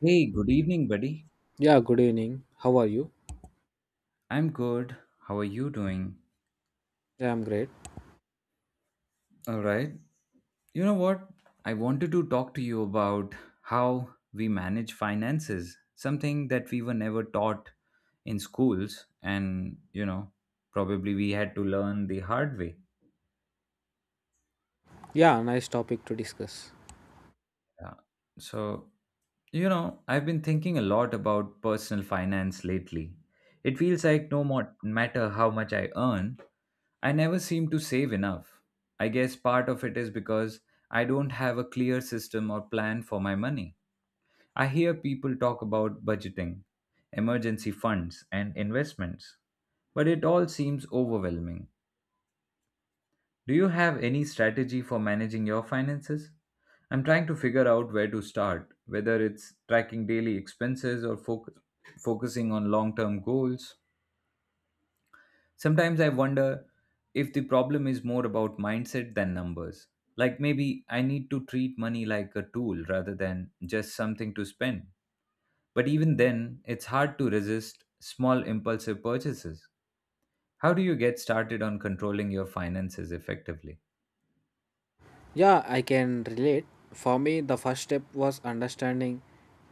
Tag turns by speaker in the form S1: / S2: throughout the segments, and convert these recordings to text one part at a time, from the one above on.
S1: Hey, good evening, buddy.
S2: Yeah, good evening. How are you?
S1: I'm good. How are you doing?
S2: Yeah, I'm great.
S1: All right. You know what? I wanted to talk to you about how we manage finances, something that we were never taught in schools. And, probably we had to learn the hard way.
S2: Yeah, nice topic to discuss.
S1: Yeah. So, I've been thinking a lot about personal finance lately. It feels like no more, matter how much I earn, I never seem to save enough. I guess part of it is because I don't have a clear system or plan for my money. I hear people talk about budgeting, emergency funds, and investments, but it all seems overwhelming. Do you have any strategy for managing your finances? I'm trying to figure out where to start, whether it's tracking daily expenses or focusing on long term goals. Sometimes I wonder if the problem is more about mindset than numbers. Like maybe I need to treat money like a tool rather than just something to spend. But even then, it's hard to resist small impulsive purchases. How do you get started on controlling your finances effectively?
S2: Yeah, I can relate. For me, the first step was understanding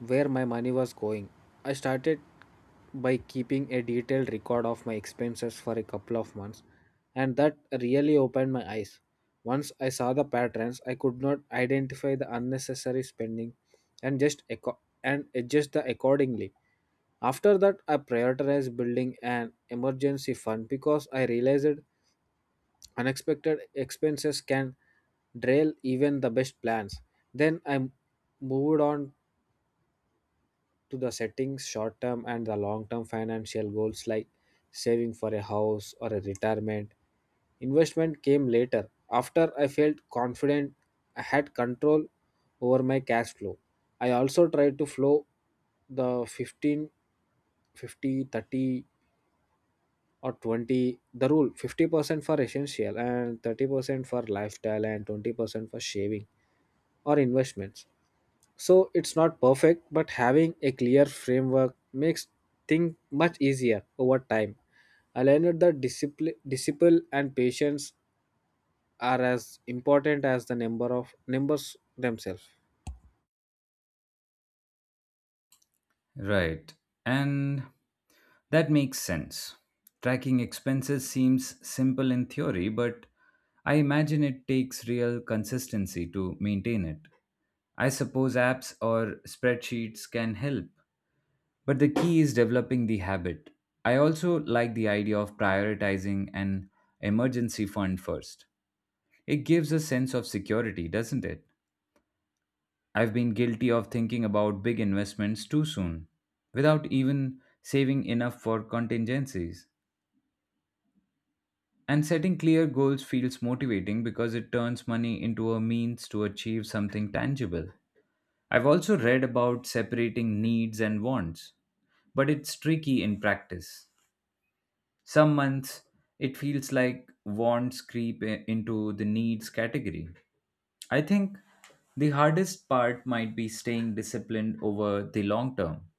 S2: where my money was going. I started by keeping a detailed record of my expenses for a couple of months, and that really opened my eyes. Once I saw the patterns, I could not identify the unnecessary spending and just and adjust the accordingly. After that, I prioritized building an emergency fund because I realized unexpected expenses can derail even the best plans. Then moved on to the setting short term and the long term financial goals like saving for a house or a retirement. Investment came later after I felt confident I had control over my cash flow. I also tried to flow the 15, 50, 30, or 20, the rule, 50% for essential and 30% for lifestyle and 20% for shaving or investments, so it's not perfect, but having a clear framework makes things much easier over time. I learned that discipline and patience are as important as the number of numbers themselves.
S1: Right. And that makes sense. Tracking expenses seems simple in theory, but I imagine it takes real consistency to maintain it. I suppose apps or spreadsheets can help, but the key is developing the habit. I also like the idea of prioritizing an emergency fund first. It gives a sense of security, doesn't it? I've been guilty of thinking about big investments too soon, without even saving enough for contingencies. And setting clear goals feels motivating because it turns money into a means to achieve something tangible. I've also read about separating needs and wants, but it's tricky in practice. Some months it feels like wants creep into the needs category. I think the hardest part might be staying disciplined over the long term.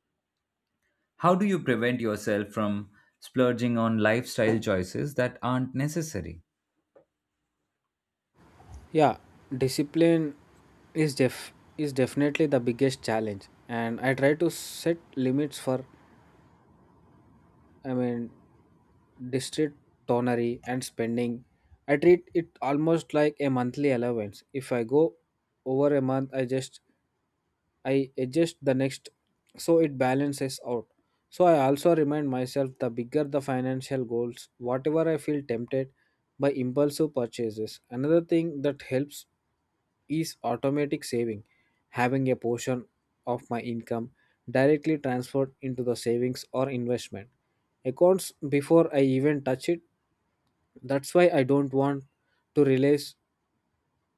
S1: How do you prevent yourself from splurging on lifestyle choices that aren't necessary?
S2: Yeah, discipline is def is definitely the biggest challenge, and I try to set limits for, I mean, district tonary and spending. I treat it almost like a monthly allowance. If I go over a month, I just, I adjust the next, so it balances out. So I also remind myself the bigger the financial goals, whatever I feel tempted by impulsive purchases. Another thing that helps is automatic saving, having a portion of my income directly transferred into the savings or investment accounts before I even touch it. That's why I don't want to rely,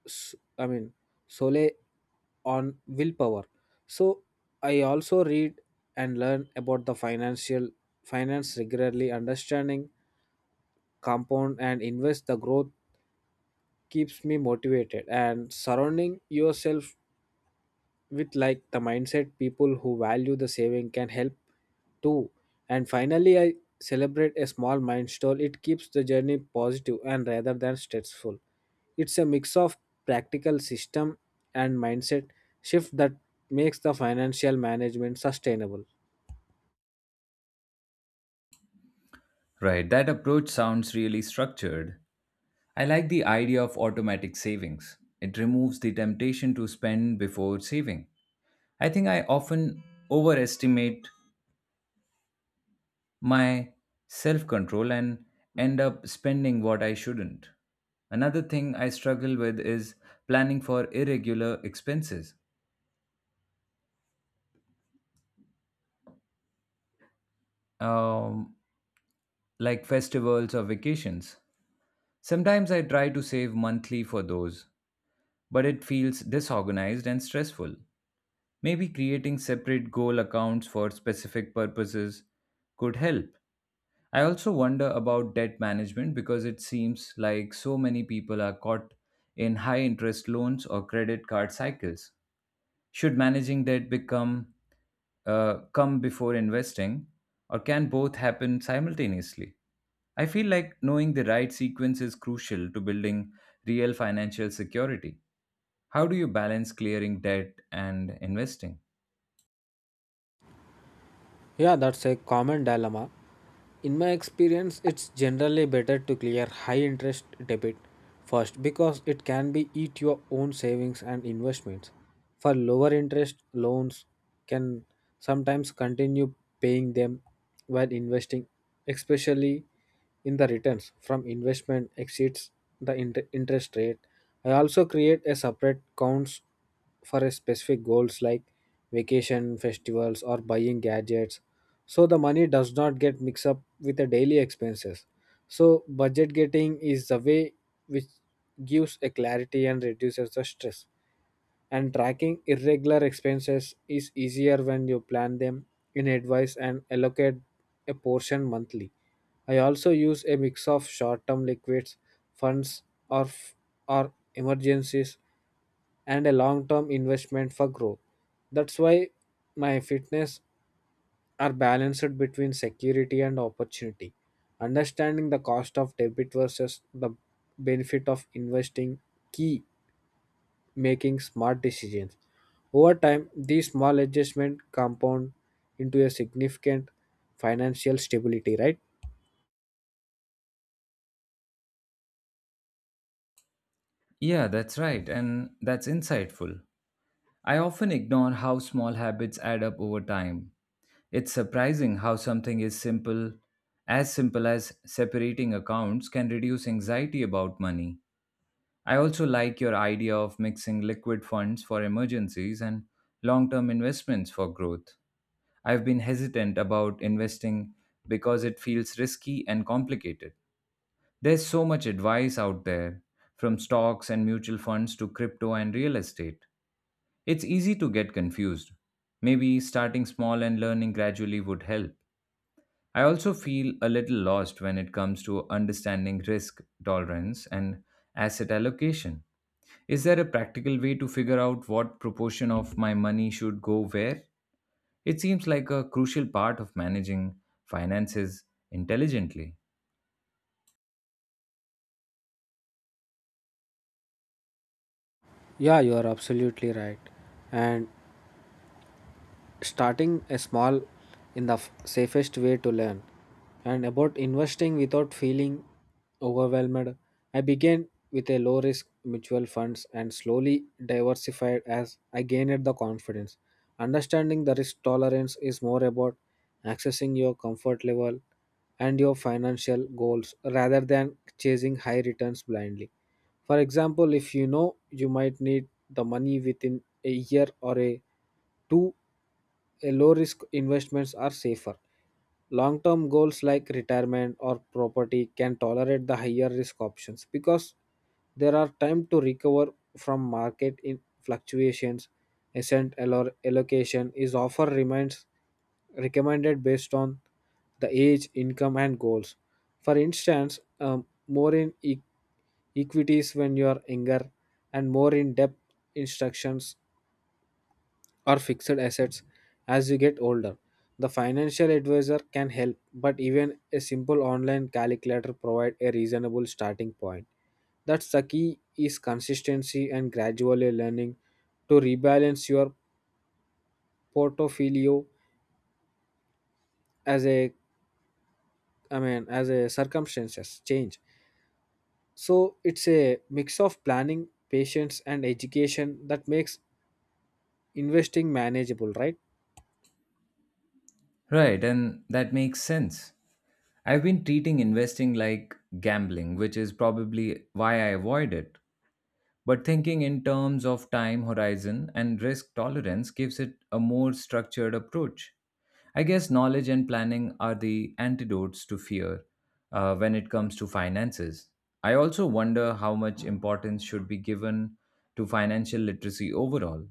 S2: I mean, solely on willpower. So I also read and learn about the financial finance regularly. Understanding compound and invest the growth keeps me motivated, and surrounding yourself with like the mindset people who value the saving can help too. And finally, I celebrate a small milestone. It keeps the journey positive and rather than stressful. It's a mix of practical system and mindset shift that makes the financial management sustainable.
S1: Right, that approach sounds really structured. I like the idea of automatic savings. It removes the temptation to spend before saving. I think I often overestimate my self control and end up spending what I shouldn't. Another thing I struggle with is planning for irregular expenses, um, like festivals or vacations. Sometimes I try to save monthly for those, but it feels disorganized and stressful. Maybe creating separate goal accounts for specific purposes could help. I also wonder about debt management because it seems like so many people are caught in high interest loans or credit card cycles. Should managing debt become come before investing, or can both happen simultaneously? I feel like knowing the right sequence is crucial to building real financial security. How do you balance clearing debt and investing?
S2: Yeah, that's a common dilemma. In my experience, it's generally better to clear high interest debit first because it can be eat your own savings and investments. For lower interest loans can sometimes continue paying them while investing, especially in the returns from investment exceeds the interest rate. I also create a separate accounts for a specific goals like vacation, festivals, or buying gadgets, so the money does not get mixed up with the daily expenses. So budget getting is the way, which gives a clarity and reduces the stress. And tracking irregular expenses is easier when you plan them in advance and allocate a portion monthly. I also use a mix of short-term liquids funds, or f- or emergencies, and a long-term investment for growth. That's why my fitness are balanced between security and opportunity. Understanding the cost of debit versus the benefit of investing key making smart decisions. Over time, these small adjustments compound into a significant financial stability, right?
S1: Yeah, that's right, and that's insightful. I often ignore how small habits add up over time. It's surprising how something is simple as separating accounts, can reduce anxiety about money. I also like your idea of mixing liquid funds for emergencies and long term investments for growth. I've been hesitant about investing because it feels risky and complicated. There's so much advice out there, from stocks and mutual funds to crypto and real estate. It's easy to get confused. Maybe starting small and learning gradually would help. I also feel a little lost when it comes to understanding risk tolerance and asset allocation. Is there a practical way to figure out what proportion of my money should go where? It seems like a crucial part of managing finances intelligently.
S2: Yeah, you are absolutely right. And starting a small in the safest way to learn and about investing without feeling overwhelmed, I began with a low risk mutual funds and slowly diversified as I gained the confidence. Understanding the risk tolerance is more about accessing your comfort level and your financial goals rather than chasing high returns blindly. For example, if you know you might need the money within a year or a two, a low risk investments are safer. Long term goals like retirement or property can tolerate the higher risk options because there are time to recover from market in fluctuations. Asset allocation is often remains recommended based on the age, income, and goals. For instance, more in equities when you are younger and more in depth instructions or fixed assets as you get older. The financial advisor can help, but even a simple online calculator provides a reasonable starting point. That's the key is consistency and gradually learning to rebalance your portfolio as a, I mean, as a circumstances change. So it's a mix of planning, patience and education that makes investing manageable, right?
S1: Right, and that makes sense. I've been treating investing like gambling, which is probably why I avoid it. But thinking in terms of time horizon and risk tolerance gives it a more structured approach. I guess knowledge and planning are the antidotes to fear when it comes to finances. I also wonder how much importance should be given to financial literacy overall.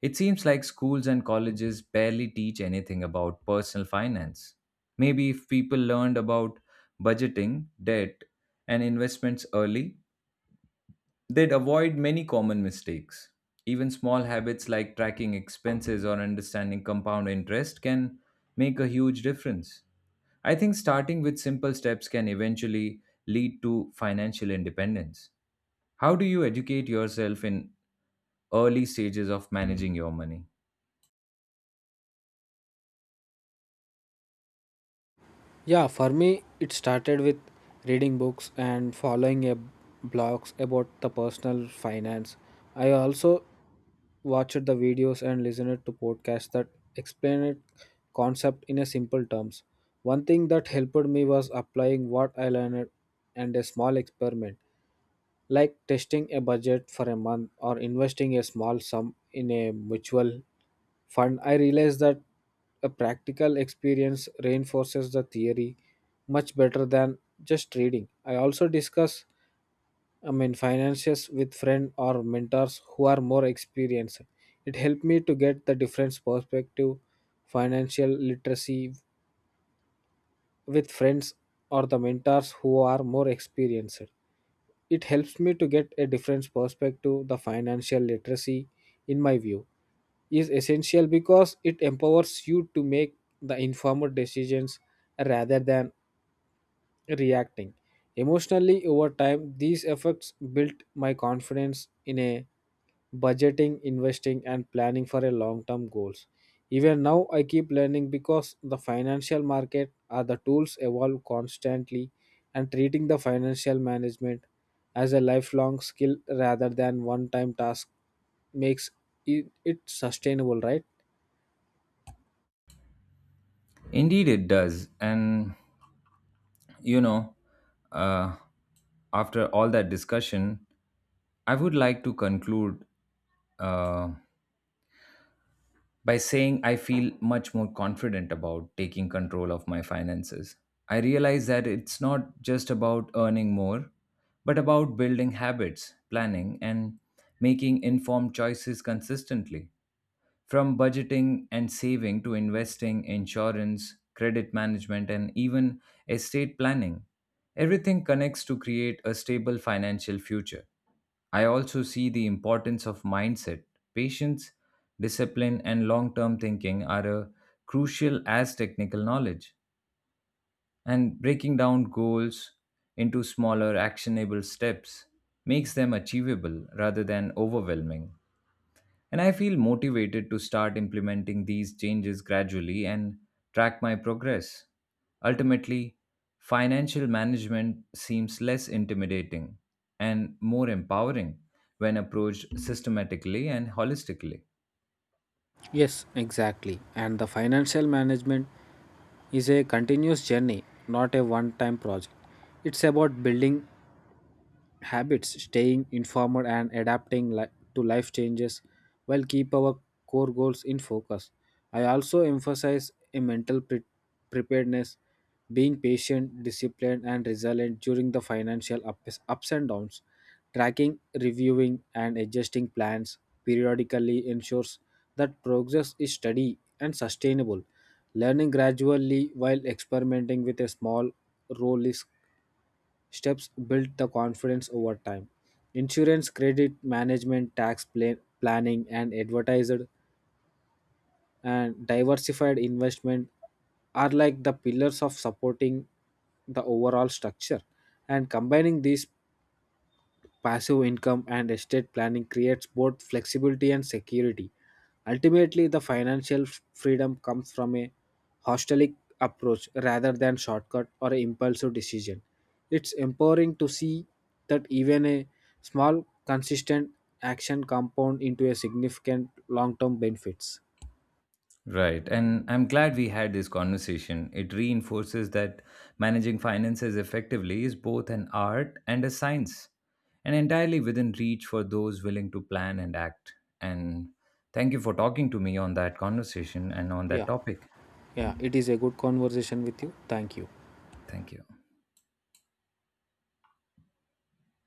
S1: It seems like schools and colleges barely teach anything about personal finance. Maybe if people learned about budgeting, debt, and investments early, they'd avoid many common mistakes. Even small habits like tracking expenses or understanding compound interest can make a huge difference. I think starting with simple steps can eventually lead to financial independence. How do you educate yourself in early stages of managing your money?
S2: Yeah, for me, it started with reading books and following a blogs about the personal finance. I also watched the videos and listened to podcasts that explain it concept in a simple terms. One thing that helped me was applying what I learned and a small experiment like testing a budget for a month or investing a small sum in a mutual fund. I realized that a practical experience reinforces the theory much better than just reading. I also discuss, I mean, finances with friends or mentors who are more experienced. It helped me to get the different perspective, financial literacy with friends or the mentors who are more experienced. It helps me to get a different perspective, the financial literacy, in my view, is essential because it empowers you to make the informed decisions rather than reacting emotionally. Over time, these effects built my confidence in a budgeting, investing, and planning for a long-term goals. Even now, I keep learning because the financial market are the tools evolve constantly, and treating the financial management as a lifelong skill rather than one-time task makes it sustainable, right?
S1: Indeed, it does. And, you know, uh, after all that discussion, I would like to conclude uh, By saying I feel much more confident about taking control of my finances. I realize that it's not just about earning more, but about building habits, planning, and making informed choices consistently. From budgeting and saving to investing, insurance, credit management, and even estate planning, everything connects to create a stable financial future. I also see the importance of mindset. Patience, discipline, and long term thinking are a crucial as technical knowledge. And breaking down goals into smaller, actionable steps makes them achievable rather than overwhelming. And I feel motivated to start implementing these changes gradually and track my progress. Ultimately, financial management seems less intimidating and more empowering when approached systematically and holistically.
S2: Yes, exactly. And the financial management is a continuous journey, not a one time project. It's about building habits, staying informed and adapting to life changes while keep our core goals in focus. I also emphasize a mental preparedness, being patient, disciplined, and resilient during the financial ups and downs. Tracking, reviewing, and adjusting plans periodically ensures that progress is steady and sustainable. Learning gradually while experimenting with a small role is steps build the confidence over time. Insurance, credit management, tax planning, and advertised and diversified investment are like the pillars of supporting the overall structure. And combining these passive income and estate planning creates both flexibility and security. Ultimately, the financial freedom comes from a holistic approach rather than shortcut or an impulsive decision. It's empowering to see that even a small, consistent action compound into a significant long-term benefits.
S1: Right. And I'm glad we had this conversation. It reinforces that managing finances effectively is both an art and a science, and entirely within reach for those willing to plan and act. And thank you for talking to me on that conversation and on that
S2: Yeah,
S1: topic.
S2: yeah, it is a good conversation with you. Thank you.
S1: Thank you.